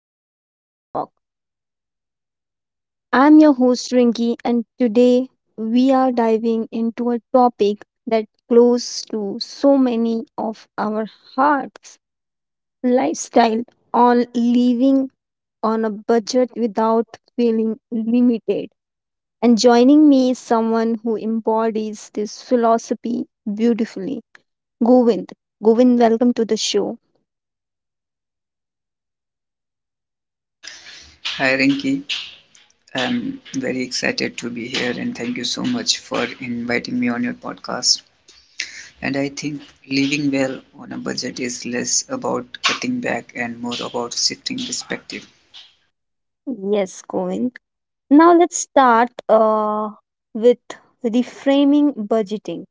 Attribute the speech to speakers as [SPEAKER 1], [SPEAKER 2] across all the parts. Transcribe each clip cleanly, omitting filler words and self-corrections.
[SPEAKER 1] Rinky's Talk. I'm your host Rinky, and today we are diving into a topic that close to so many of our hearts, lifestyle on living on a budget without feeling limited. And joining me is someone who embodies this philosophy beautifully, Govind. Govind, welcome to the show.
[SPEAKER 2] Hi Rinki, I'm very excited to be here and thank you so much for inviting me on your podcast. And I think living well on a budget is less about cutting back and more about shifting perspective.
[SPEAKER 1] Yes, Govind. Now let's start with reframing budgeting.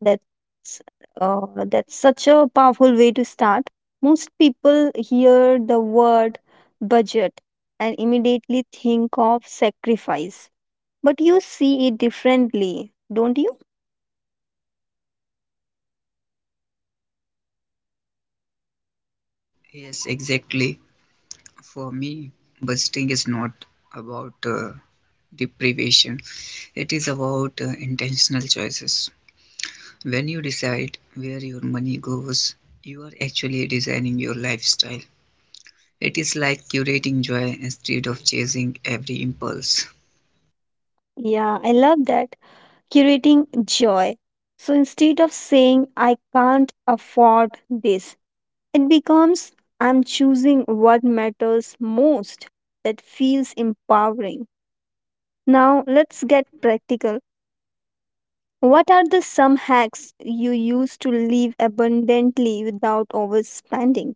[SPEAKER 1] That's that's such a powerful way to start. Most people hear the word budget and immediately think of sacrifice, but you see it differently, don't you?
[SPEAKER 2] Yes, exactly. For me, budgeting is not about deprivation, it is about intentional choices. When you decide where your money goes, you are actually designing your lifestyle. It is like curating joy instead of chasing every impulse.
[SPEAKER 1] Yeah, I love that. Curating joy. So instead of saying I can't afford this, it becomes I'm choosing what matters most, that feels empowering. Now, let's get practical. What are the some hacks you use to live abundantly without overspending?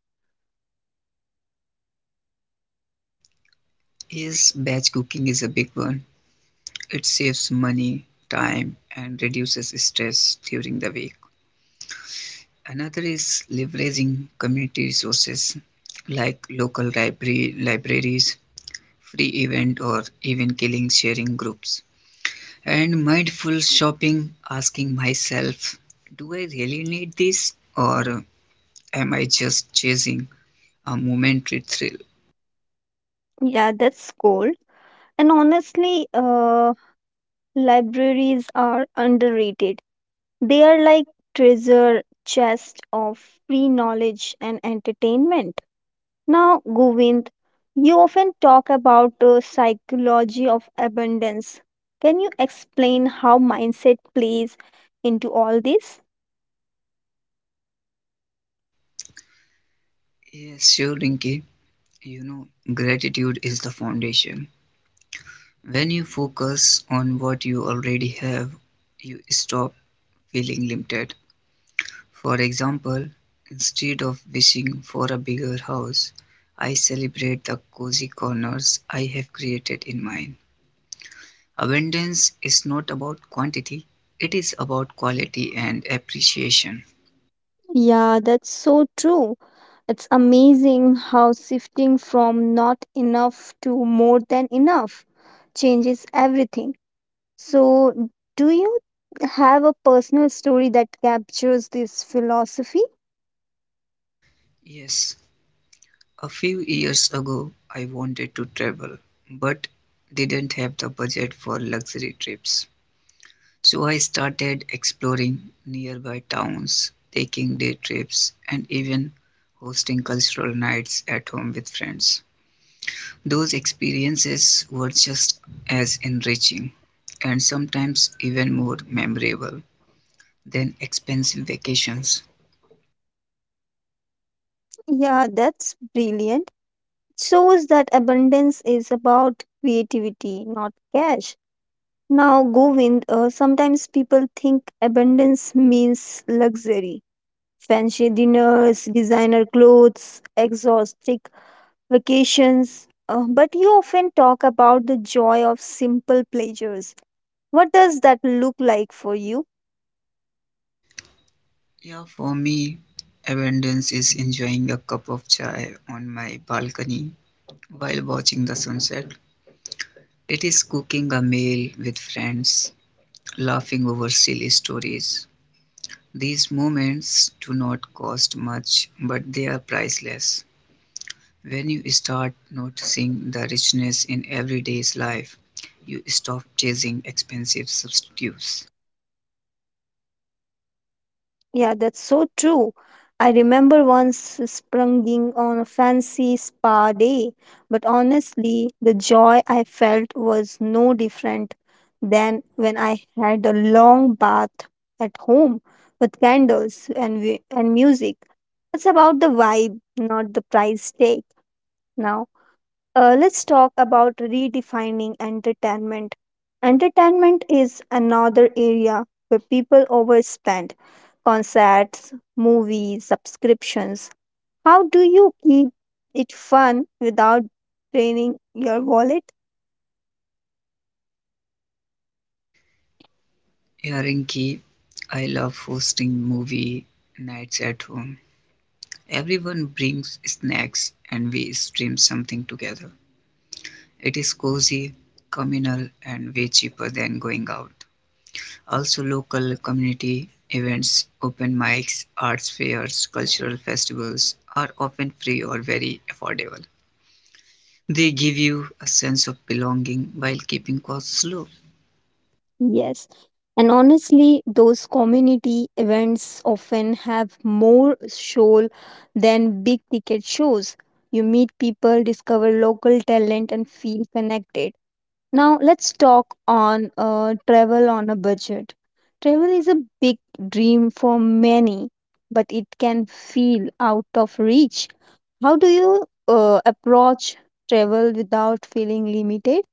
[SPEAKER 2] Yes, batch cooking is a big one. It saves money, time, and reduces stress during the week. Another is leveraging community resources like local library, libraries, free event, or even killing sharing groups. And mindful shopping, asking myself, do I really need this, or am I just chasing a momentary thrill?
[SPEAKER 1] Yeah, that's cool. And honestly, libraries are underrated. They are like treasure chest of free knowledge and entertainment. Now, Govind, you often talk about the psychology of abundance. Can you explain how mindset plays into all this?
[SPEAKER 2] Yes, sure, Rinki. You know, gratitude is the foundation. When you focus on what you already have, you stop feeling limited. For example, instead of wishing for a bigger house, I celebrate the cozy corners I have created in mine. Abundance is not about quantity, it is about quality and appreciation.
[SPEAKER 1] Yeah, that's so true. It's amazing how shifting from not enough to more than enough changes everything. So, do you have a personal story that captures this philosophy?
[SPEAKER 2] Yes, a few years ago, I wanted to travel, but didn't have the budget for luxury trips. So I started exploring nearby towns, taking day trips, and even hosting cultural nights at home with friends. Those experiences were just as enriching and sometimes even more memorable than expensive vacations.
[SPEAKER 1] Yeah, that's brilliant. Shows that abundance is about creativity, not cash. Now, Govind, sometimes people think abundance means luxury, fancy dinners, designer clothes, exotic vacations. But you often talk about the joy of simple pleasures. What does that look like for you?
[SPEAKER 2] Yeah, for me, abundance is enjoying a cup of chai on my balcony while watching the sunset, it is cooking a meal with friends, laughing over silly stories. These moments do not cost much, but they are priceless. When you start noticing the richness in everyday's life, you stop chasing expensive substitutes.
[SPEAKER 1] Yeah, that's so true. I remember once sprunging on a fancy spa day, but honestly, the joy I felt was no different than when I had a long bath at home with candles and and music. It's about the vibe, not the price tag. Now, let's talk about redefining entertainment. Entertainment is another area where people overspend concerts, movies, subscriptions. How do you keep it fun without draining your wallet?
[SPEAKER 2] Hearing ki, I love hosting movie nights at home. Everyone brings snacks and we stream something together. It is cozy, communal, and way cheaper than going out. Also, local community events, open mics, arts fairs, cultural festivals are often free or very affordable. They give you a sense of belonging while keeping costs low.
[SPEAKER 1] Yes. And honestly, those community events often have more soul than big ticket shows. You meet people, discover local talent, and feel connected. Now let's talk on travel on a budget. Travel is a big dream for many, but it can feel out of reach. How do you approach travel without feeling limited?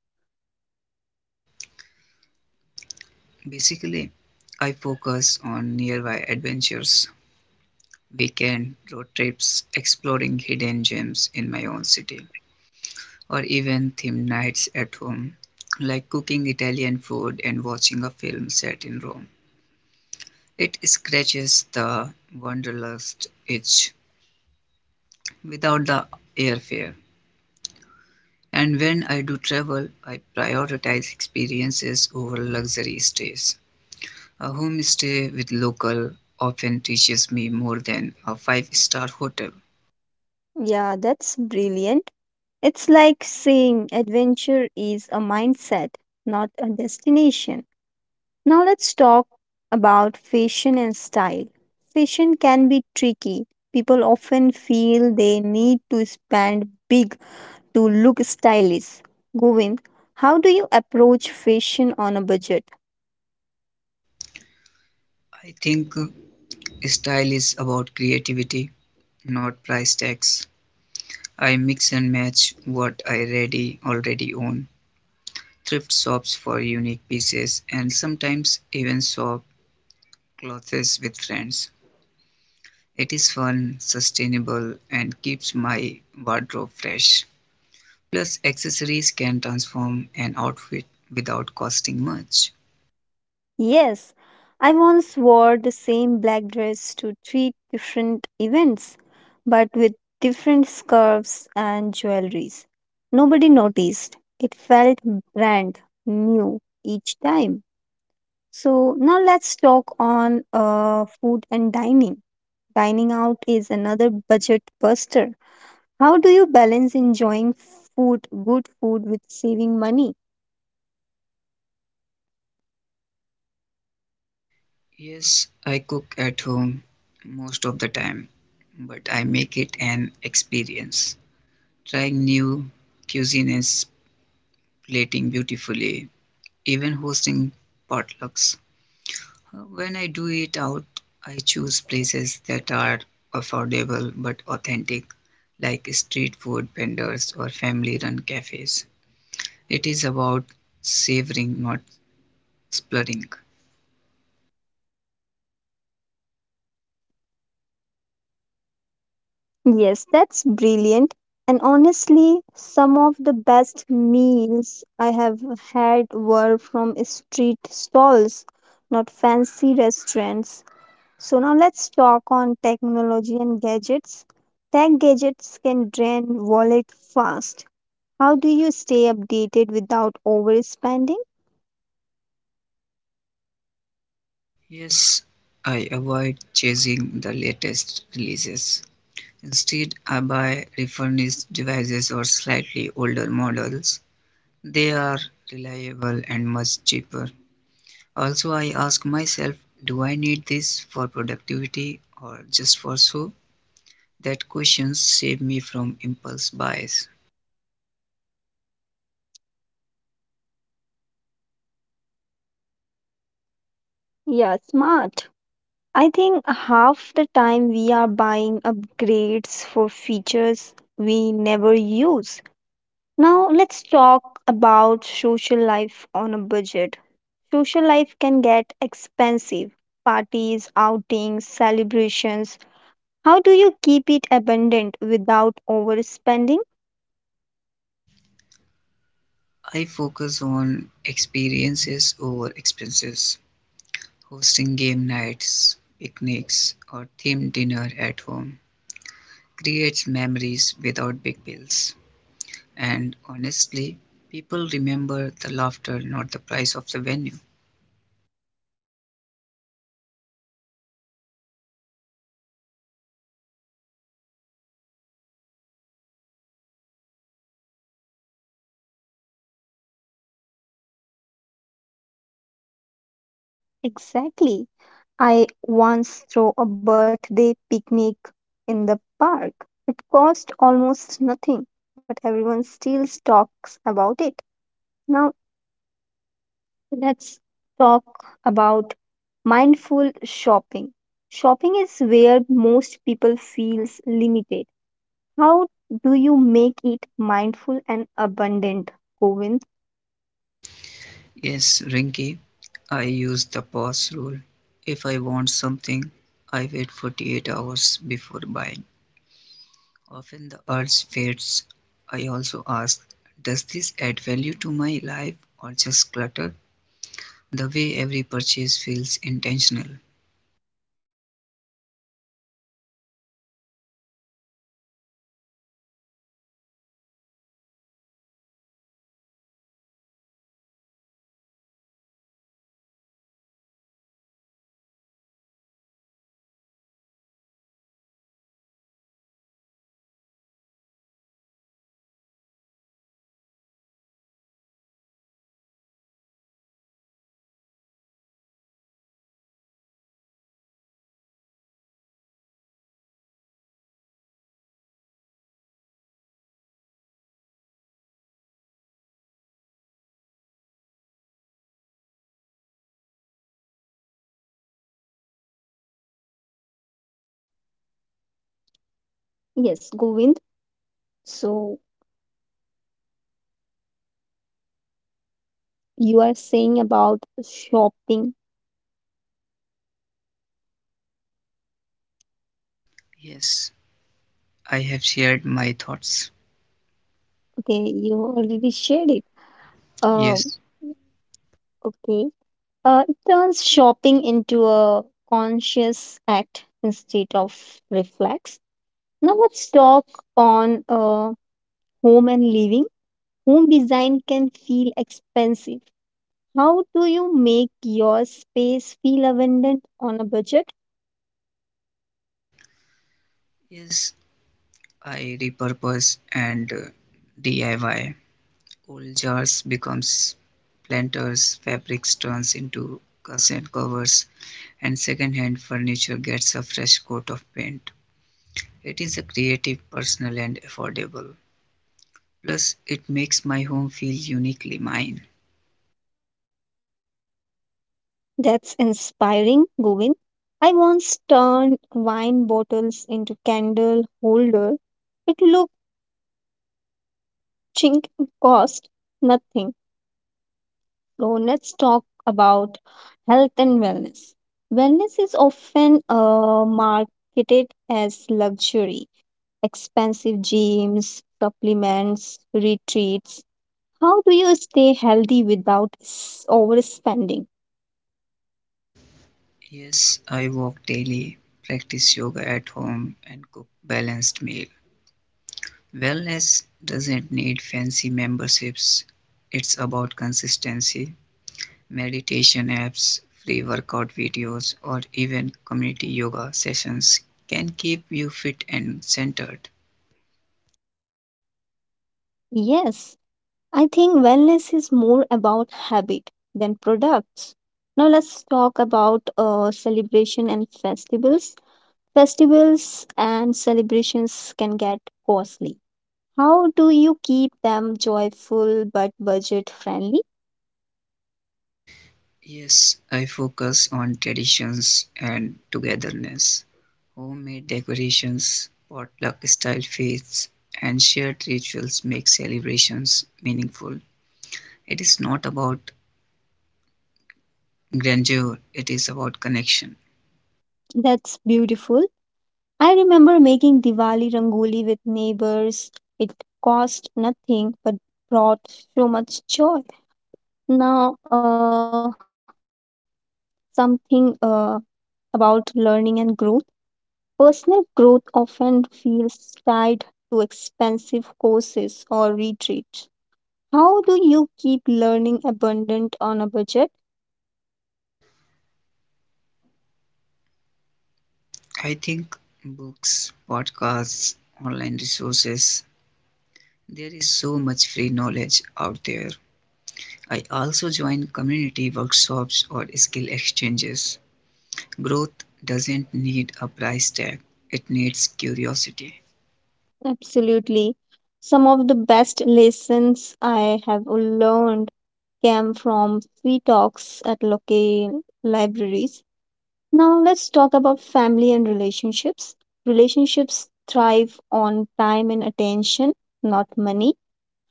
[SPEAKER 2] Basically, I focus on nearby adventures, weekend road trips, exploring hidden gems in my own city, or even themed nights at home, like cooking Italian food and watching a film set in Rome. It scratches the wanderlust itch without the airfare. And when I do travel, I prioritize experiences over luxury stays. A homestay with local often teaches me more than a five-star hotel.
[SPEAKER 1] Yeah, that's brilliant. It's like saying adventure is a mindset, not a destination. Now let's talk about fashion and style. Fashion can be tricky. People often feel they need to spend big to look stylish. Govind, how do you approach fashion on a budget?
[SPEAKER 2] I think style is about creativity, not price tags. I mix and match what I already own. Thrift shops for unique pieces and sometimes even shop clothes with friends. It is fun, sustainable and keeps my wardrobe fresh. Plus accessories can transform an outfit without costing much.
[SPEAKER 1] Yes, I once wore the same black dress to three different events, but with different scarves and jewelries. Nobody noticed. It felt brand new each time. So now let's talk on food and dining. Dining out is another budget buster. How do you balance enjoying food, good food, with saving money?
[SPEAKER 2] Yes, I cook at home most of the time, but I make it an experience. Trying new cuisines, plating beautifully even hosting potlucks. When I do eat out, I choose places that are affordable but authentic, like street food vendors or family run cafes. It is about savoring, not splurging.
[SPEAKER 1] Yes, that's brilliant. And honestly, some of the best meals I have had were from street stalls, not fancy restaurants. So now let's talk on technology and gadgets. Tech gadgets can drain wallet fast. How do you stay updated without overspending?
[SPEAKER 2] Yes, I avoid chasing the latest releases. Instead, I buy refurbished devices or slightly older models. They are reliable and much cheaper. Also, I ask myself, do I need this for productivity or just for show? That questions save me from impulse buys.
[SPEAKER 1] Yeah, smart. I think half the time we are buying upgrades for features we never use. Now, let's talk about social life on a budget. Social life can get expensive parties, outings, celebrations. How do you keep it abundant without overspending?
[SPEAKER 2] I focus on experiences over expenses, hosting game nights, picnics, or themed dinner at home creates memories without big bills. And honestly, people remember the laughter, not the price of the venue.
[SPEAKER 1] Exactly. I once threw a birthday picnic in the park. It cost almost nothing, but everyone still talks about it. Now, let's about mindful shopping. Shopping is where most people feels limited. How do you make it mindful and abundant, Govind?
[SPEAKER 2] Yes, Rinky, I use the pause rule. If I want something, I wait 48 hours before buying. Often the urge fades. I also ask, does this add value to my life or just clutter? The way every purchase feels intentional.
[SPEAKER 1] Yes, Govind. So you are saying about shopping.
[SPEAKER 2] Yes, I have shared my thoughts.
[SPEAKER 1] Okay, you already shared it. Uh,
[SPEAKER 2] Yes,
[SPEAKER 1] okay. It turns shopping into a conscious act instead of reflex. Now let's talk on home and living. Home design can feel expensive. How do you make your space feel abundant on a budget?
[SPEAKER 2] yes, I repurpose and DIY. Old jars becomes planters, fabrics turns into curtain covers, and second-hand furniture gets a fresh coat of paint. It is a creative, personal, and affordable. Plus, it makes my home feel uniquely mine.
[SPEAKER 1] That's inspiring, Govind. I once turned wine bottles into candle holder. It looked chink it cost nothing. So let's talk about health and wellness. Wellness is often marketed as luxury, expensive gyms, supplements, retreats. How do you stay healthy without overspending?
[SPEAKER 2] Yes, I walk daily, practice yoga at home, and cook balanced meal. Wellness doesn't need fancy memberships. It's about consistency, meditation apps, free workout videos, or even community yoga sessions can keep you fit and centered.
[SPEAKER 1] Yes, I think wellness is more about habit than products. Now let's talk about celebration and festivals. Festivals and celebrations can get costly. How do you keep them joyful but budget friendly?
[SPEAKER 2] Yes, I focus on traditions and togetherness, homemade decorations, potluck-style feasts, and shared rituals make celebrations meaningful. It is not about grandeur, it is about connection.
[SPEAKER 1] That's beautiful. I remember making Diwali rangoli with neighbors. It cost nothing but brought so much joy. Now, something about learning and growth. Personal growth often feels tied to expensive courses or retreats. How do you keep learning abundant on a budget?
[SPEAKER 2] I think books, podcasts, online resources, there is so much free knowledge out there. I also join community workshops or skill exchanges. Growth doesn't need a price tag, it needs curiosity.
[SPEAKER 1] Absolutely. Some of the best lessons I have learned came from free talks at local libraries. Now, let's talk about family and relationships. Relationships thrive on time and attention, not money.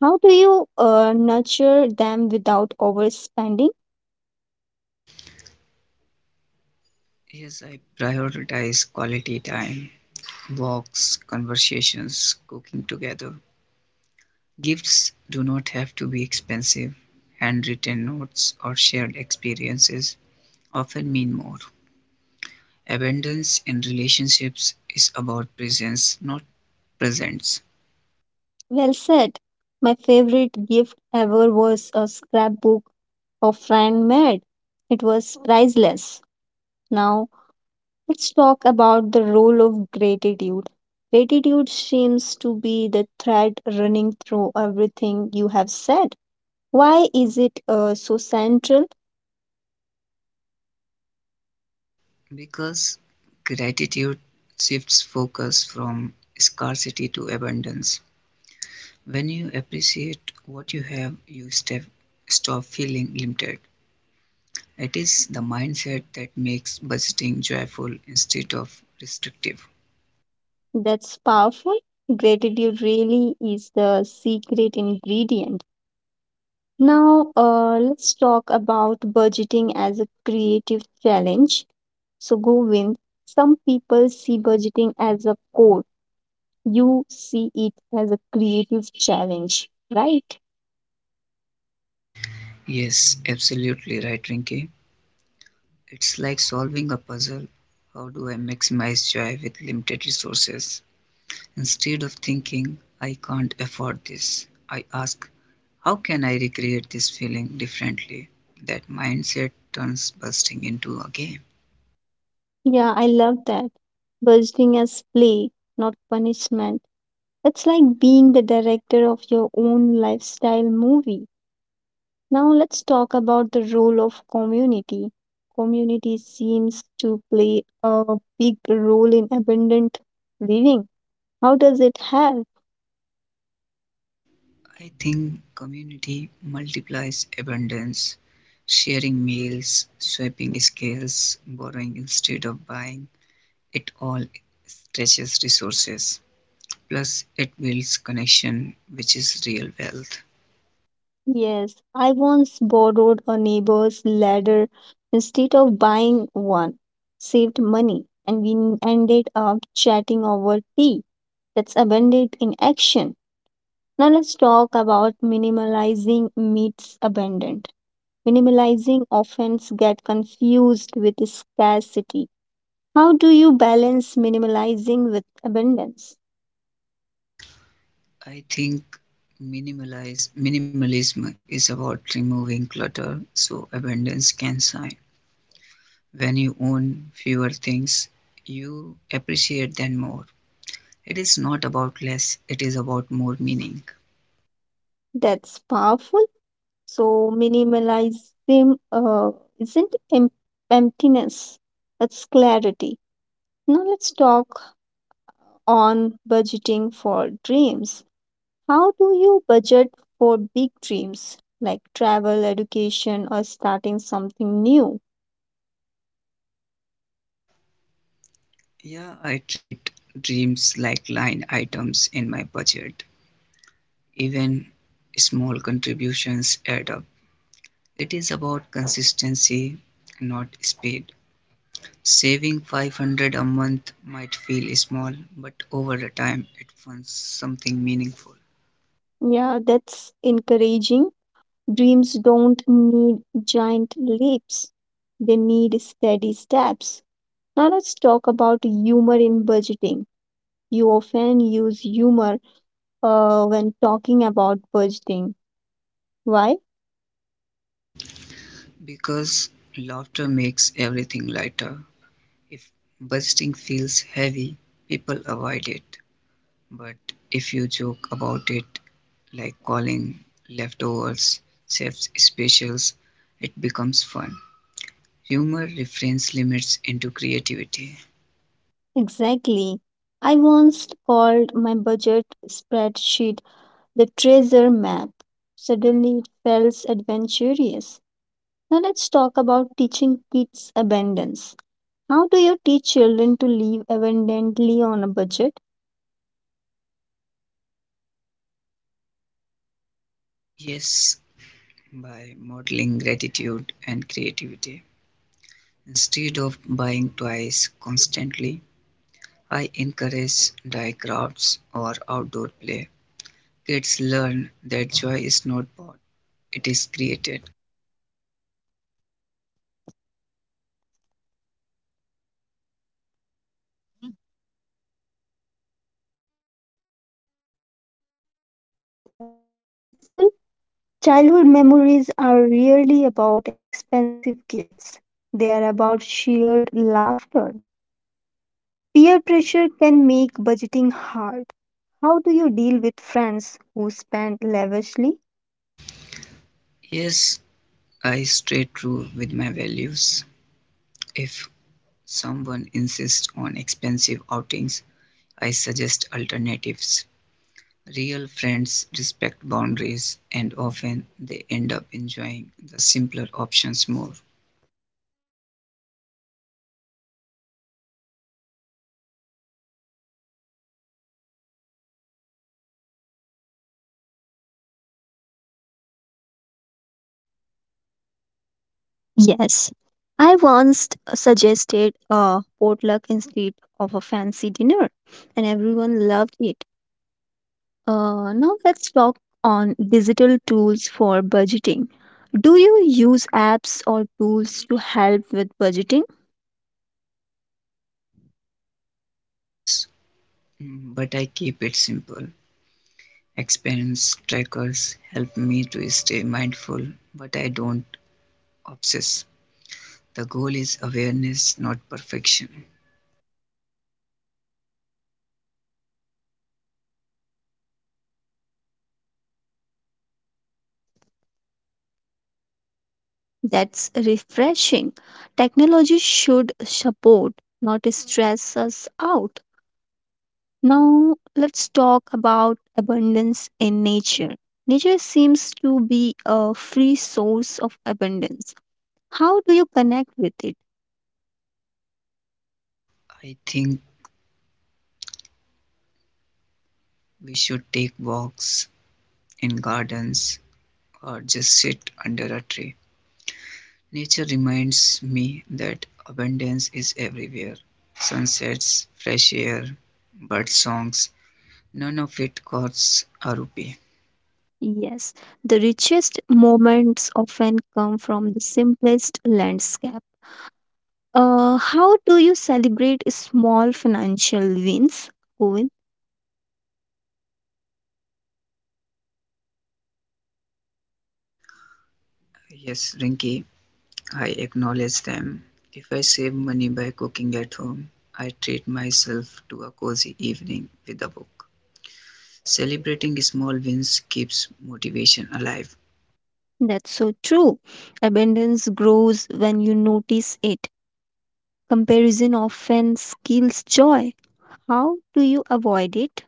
[SPEAKER 1] How do you nurture them without overspending?
[SPEAKER 2] Yes, I prioritize quality time, walks, conversations, cooking together. Gifts do not have to be expensive. Handwritten notes or shared experiences often mean more. Abundance in relationships is about presence, not presents,
[SPEAKER 1] Well said. My favorite gift ever was a scrapbook a friend made. It was priceless. Now, let's talk about the role of gratitude. Gratitude seems to be the thread running through everything you have said. Why is it so central?
[SPEAKER 2] because gratitude shifts focus from scarcity to abundance. When you appreciate what you have, stop feeling limited. It is the mindset that makes budgeting joyful instead of restrictive.
[SPEAKER 1] That's powerful. Gratitude really is the secret ingredient. Now, let's talk about budgeting as a creative challenge. So, Govind, some people see budgeting as a core. You see it as a creative challenge, right?
[SPEAKER 2] Yes, absolutely right, Rinki. It's like solving a puzzle. How do I maximize joy with limited resources? Instead of thinking, I can't afford this, I ask, how can I recreate this feeling differently? That mindset turns busting into a game.
[SPEAKER 1] Yeah, I love that. Budgeting as play, not punishment. It's like being the director of your own lifestyle movie. Now let's talk about the role of community. Community seems to play a big role in abundant living. How does it help?
[SPEAKER 2] I think community multiplies abundance. Sharing meals, swapping scales, borrowing instead of buying, it all stretches resources. Plus, it builds connection, which is real wealth.
[SPEAKER 1] Yes, I once borrowed a neighbor's ladder instead of buying one. Saved money and we ended up chatting over tea. That's abundant in action. Now let's talk about minimalizing meets abundant. Minimalizing often get confused with scarcity. How do you balance minimalizing with abundance?
[SPEAKER 2] I think minimalism is about removing clutter so abundance can shine. When you own fewer things, you appreciate them more. It is not about less, it is about more meaning.
[SPEAKER 1] That's powerful. So, minimalism isn't emptiness, it's clarity. Now, let's talk on budgeting for dreams. How do you budget for big dreams like travel, education, or starting something new?
[SPEAKER 2] Yeah, I treat dreams like line items in my budget. Even small contributions add up. It is about consistency, not speed. Saving 500 a month might feel small, but over the time it funds something meaningful.
[SPEAKER 1] Yeah, that's encouraging. Dreams don't need giant leaps, they need steady steps. Now, let's talk about humor in budgeting. You often use humor when talking about budgeting. Why?
[SPEAKER 2] Because laughter makes everything lighter. If budgeting feels heavy, people avoid it. But if you joke about it, like calling leftovers chef's specials, it becomes fun. Humor refrains limits into creativity.
[SPEAKER 1] Exactly. I once called my budget spreadsheet the treasure map. Suddenly, it felt adventurous. Now, let's talk about teaching kids abundance. How do you teach children to live abundantly on a budget?
[SPEAKER 2] Yes, by modeling gratitude and creativity. Instead of buying toys constantly, I encourage die crafts or outdoor play. Kids learn that joy is not bought, it is created.
[SPEAKER 1] That's beautiful. Childhood memories are really about expensive gifts. They are about shared laughter. Peer pressure can make budgeting hard. How do you deal with friends who spend lavishly?
[SPEAKER 2] Yes, I stay true with my values. If someone insists on expensive outings, I suggest alternatives. Real friends respect boundaries and often they end up enjoying the simpler options more.
[SPEAKER 1] Yes, I once suggested a potluck instead of a fancy dinner, and everyone loved it. Now let's talk on digital tools for budgeting. Do you use apps or tools to help with budgeting?
[SPEAKER 2] Yes, mm, but I keep it simple. Expense trackers help me to stay mindful, but I don't obsess. The goal is awareness, not perfection.
[SPEAKER 1] That's refreshing. Technology should support, not stress us out. Now let's talk about abundance in nature. Nature seems to be a free source of abundance. How do you connect with it?
[SPEAKER 2] I think we should take walks in gardens or just sit under a tree. Nature reminds me that abundance is everywhere. Sunsets, fresh air, bird songs, none of it costs a rupee.
[SPEAKER 1] Yes, the richest moments often come from the simplest landscape. How do you celebrate small financial wins, Govind?
[SPEAKER 2] Yes, Rinky, I acknowledge them. If I save money by cooking at home, I treat myself to a cozy evening with a book. Celebrating small wins keeps motivation alive.
[SPEAKER 1] That's so true. Abundance grows when you notice it. Comparison often kills joy. How do you avoid it?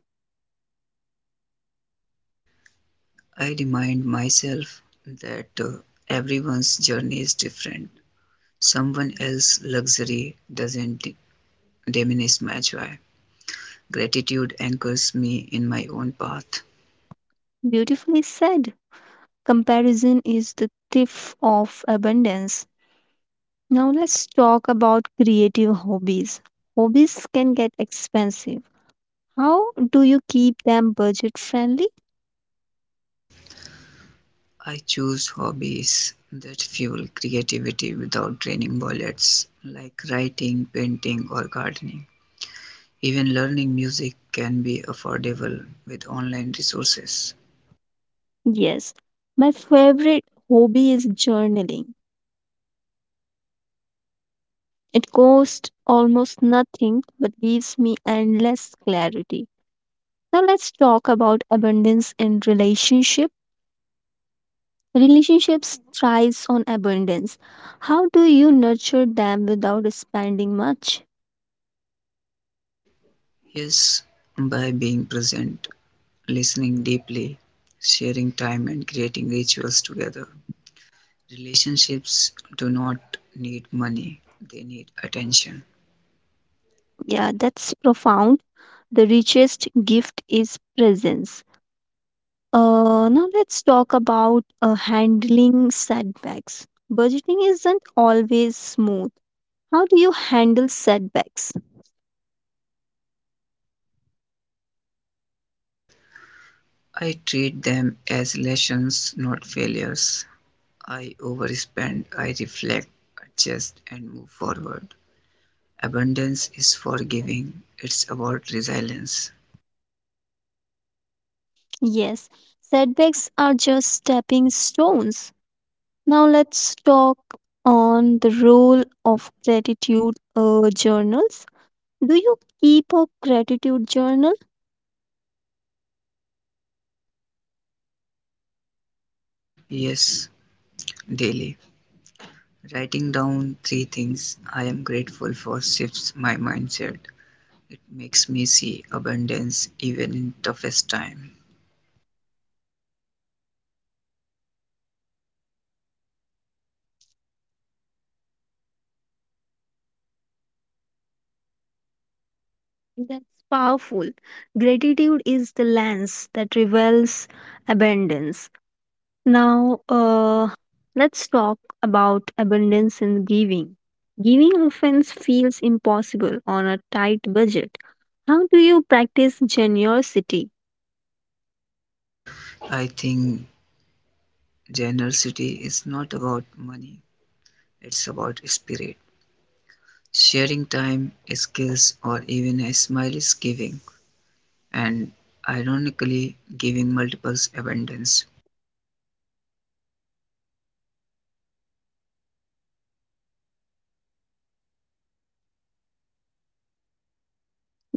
[SPEAKER 2] I remind myself that everyone's journey is different. Someone else's luxury doesn't diminish my joy. Gratitude anchors me in my own path.
[SPEAKER 1] Beautifully said. Comparison is the thief of abundance. Now let's talk about creative hobbies. Hobbies can get expensive. How do you keep them budget friendly?
[SPEAKER 2] I choose hobbies that fuel creativity without draining wallets, like writing, painting, or gardening. Even learning music can be affordable with online resources.
[SPEAKER 1] Yes, my favorite hobby is journaling. It costs almost nothing but gives me endless clarity. Now let's talk about abundance in relationship. Relationships thrives on abundance. How do you nurture them without spending much?
[SPEAKER 2] Yes, by being present, listening deeply, sharing time, and creating rituals together. Relationships do not need money, they need attention.
[SPEAKER 1] Yeah, that's profound. The richest gift is presence. Now let's talk about handling setbacks. Budgeting isn't always smooth. How do you handle setbacks?
[SPEAKER 2] I treat them as lessons, not failures. I overspend, I reflect, adjust, and move forward. Abundance is forgiving, it's about resilience.
[SPEAKER 1] Yes, setbacks are just stepping stones. Now let's talk on the role of gratitude journals. Do you keep a gratitude journal?
[SPEAKER 2] Yes, daily. Writing down three things I am grateful for shifts my mindset. It makes me see abundance even in toughest time.
[SPEAKER 1] That's powerful. Gratitude is the lens that reveals abundance. Now, let's talk about abundance and giving. Giving often feels impossible on a tight budget. How do you practice generosity?
[SPEAKER 2] I think generosity is not about money, it's about spirit. Sharing time, skills, or even a smile is giving, and ironically, giving multiples abundance.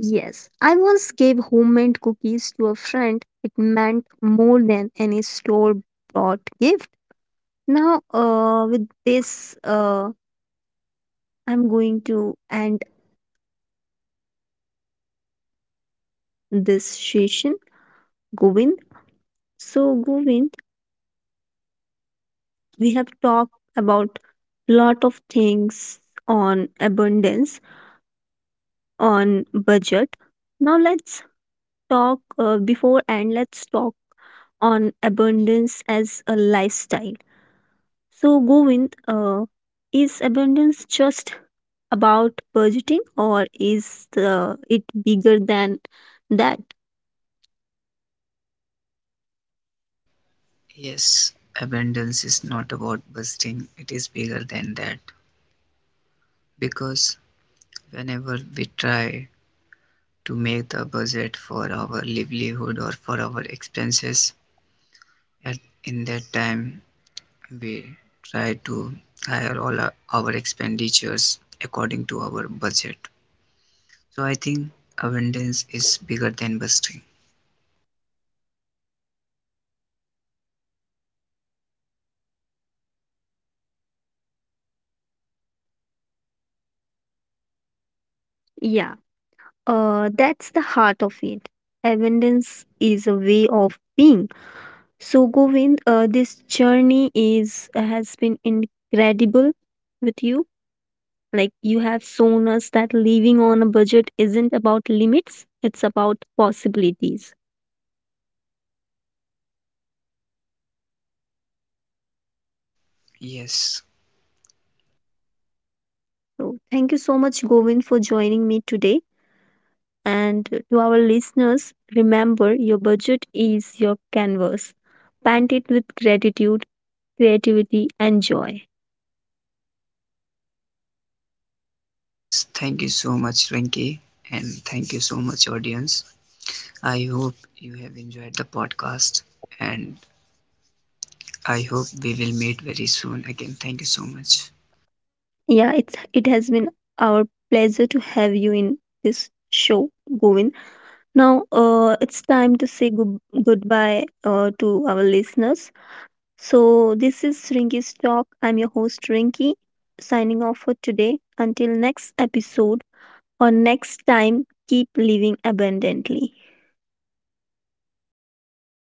[SPEAKER 1] Yes, I once gave homemade cookies to a friend. It meant more than any store bought gift. Now, with this, I'm going to end this session. Govind. So, Govind, we have talked about lot of things on abundance on budget. Now let's talk before and let's talk on abundance as a lifestyle. So Govind, is abundance just about budgeting, or is it bigger than that?
[SPEAKER 2] Yes, abundance is not about busting, it is bigger than that. Because whenever we try to make the budget for our livelihood or for our expenses, at in that time we try to hire all our expenditures according to our budget. So I think abundance is bigger than busting.
[SPEAKER 1] Yeah, that's the heart of it. Abundance is a way of being. So, Govind, this journey is has been incredible with you. Like you have shown us that living on a budget isn't about limits, it's about possibilities.
[SPEAKER 2] Yes,
[SPEAKER 1] So thank you so much, Govind, for joining me today. And to our listeners, remember your budget is your canvas. Paint it with gratitude, creativity, and joy.
[SPEAKER 2] yes, thank you so much, Venki, and thank you so much, audience. I hope you have enjoyed the podcast, and I hope we will meet very soon again. Thank you so much.
[SPEAKER 1] Yeah, it has been our pleasure to have you in this show, Govind. Now, it's time to say goodbye to our listeners. So, this is Rinky's Talk. I'm your host, Rinky, signing off for today. Until next episode or next time, keep living abundantly.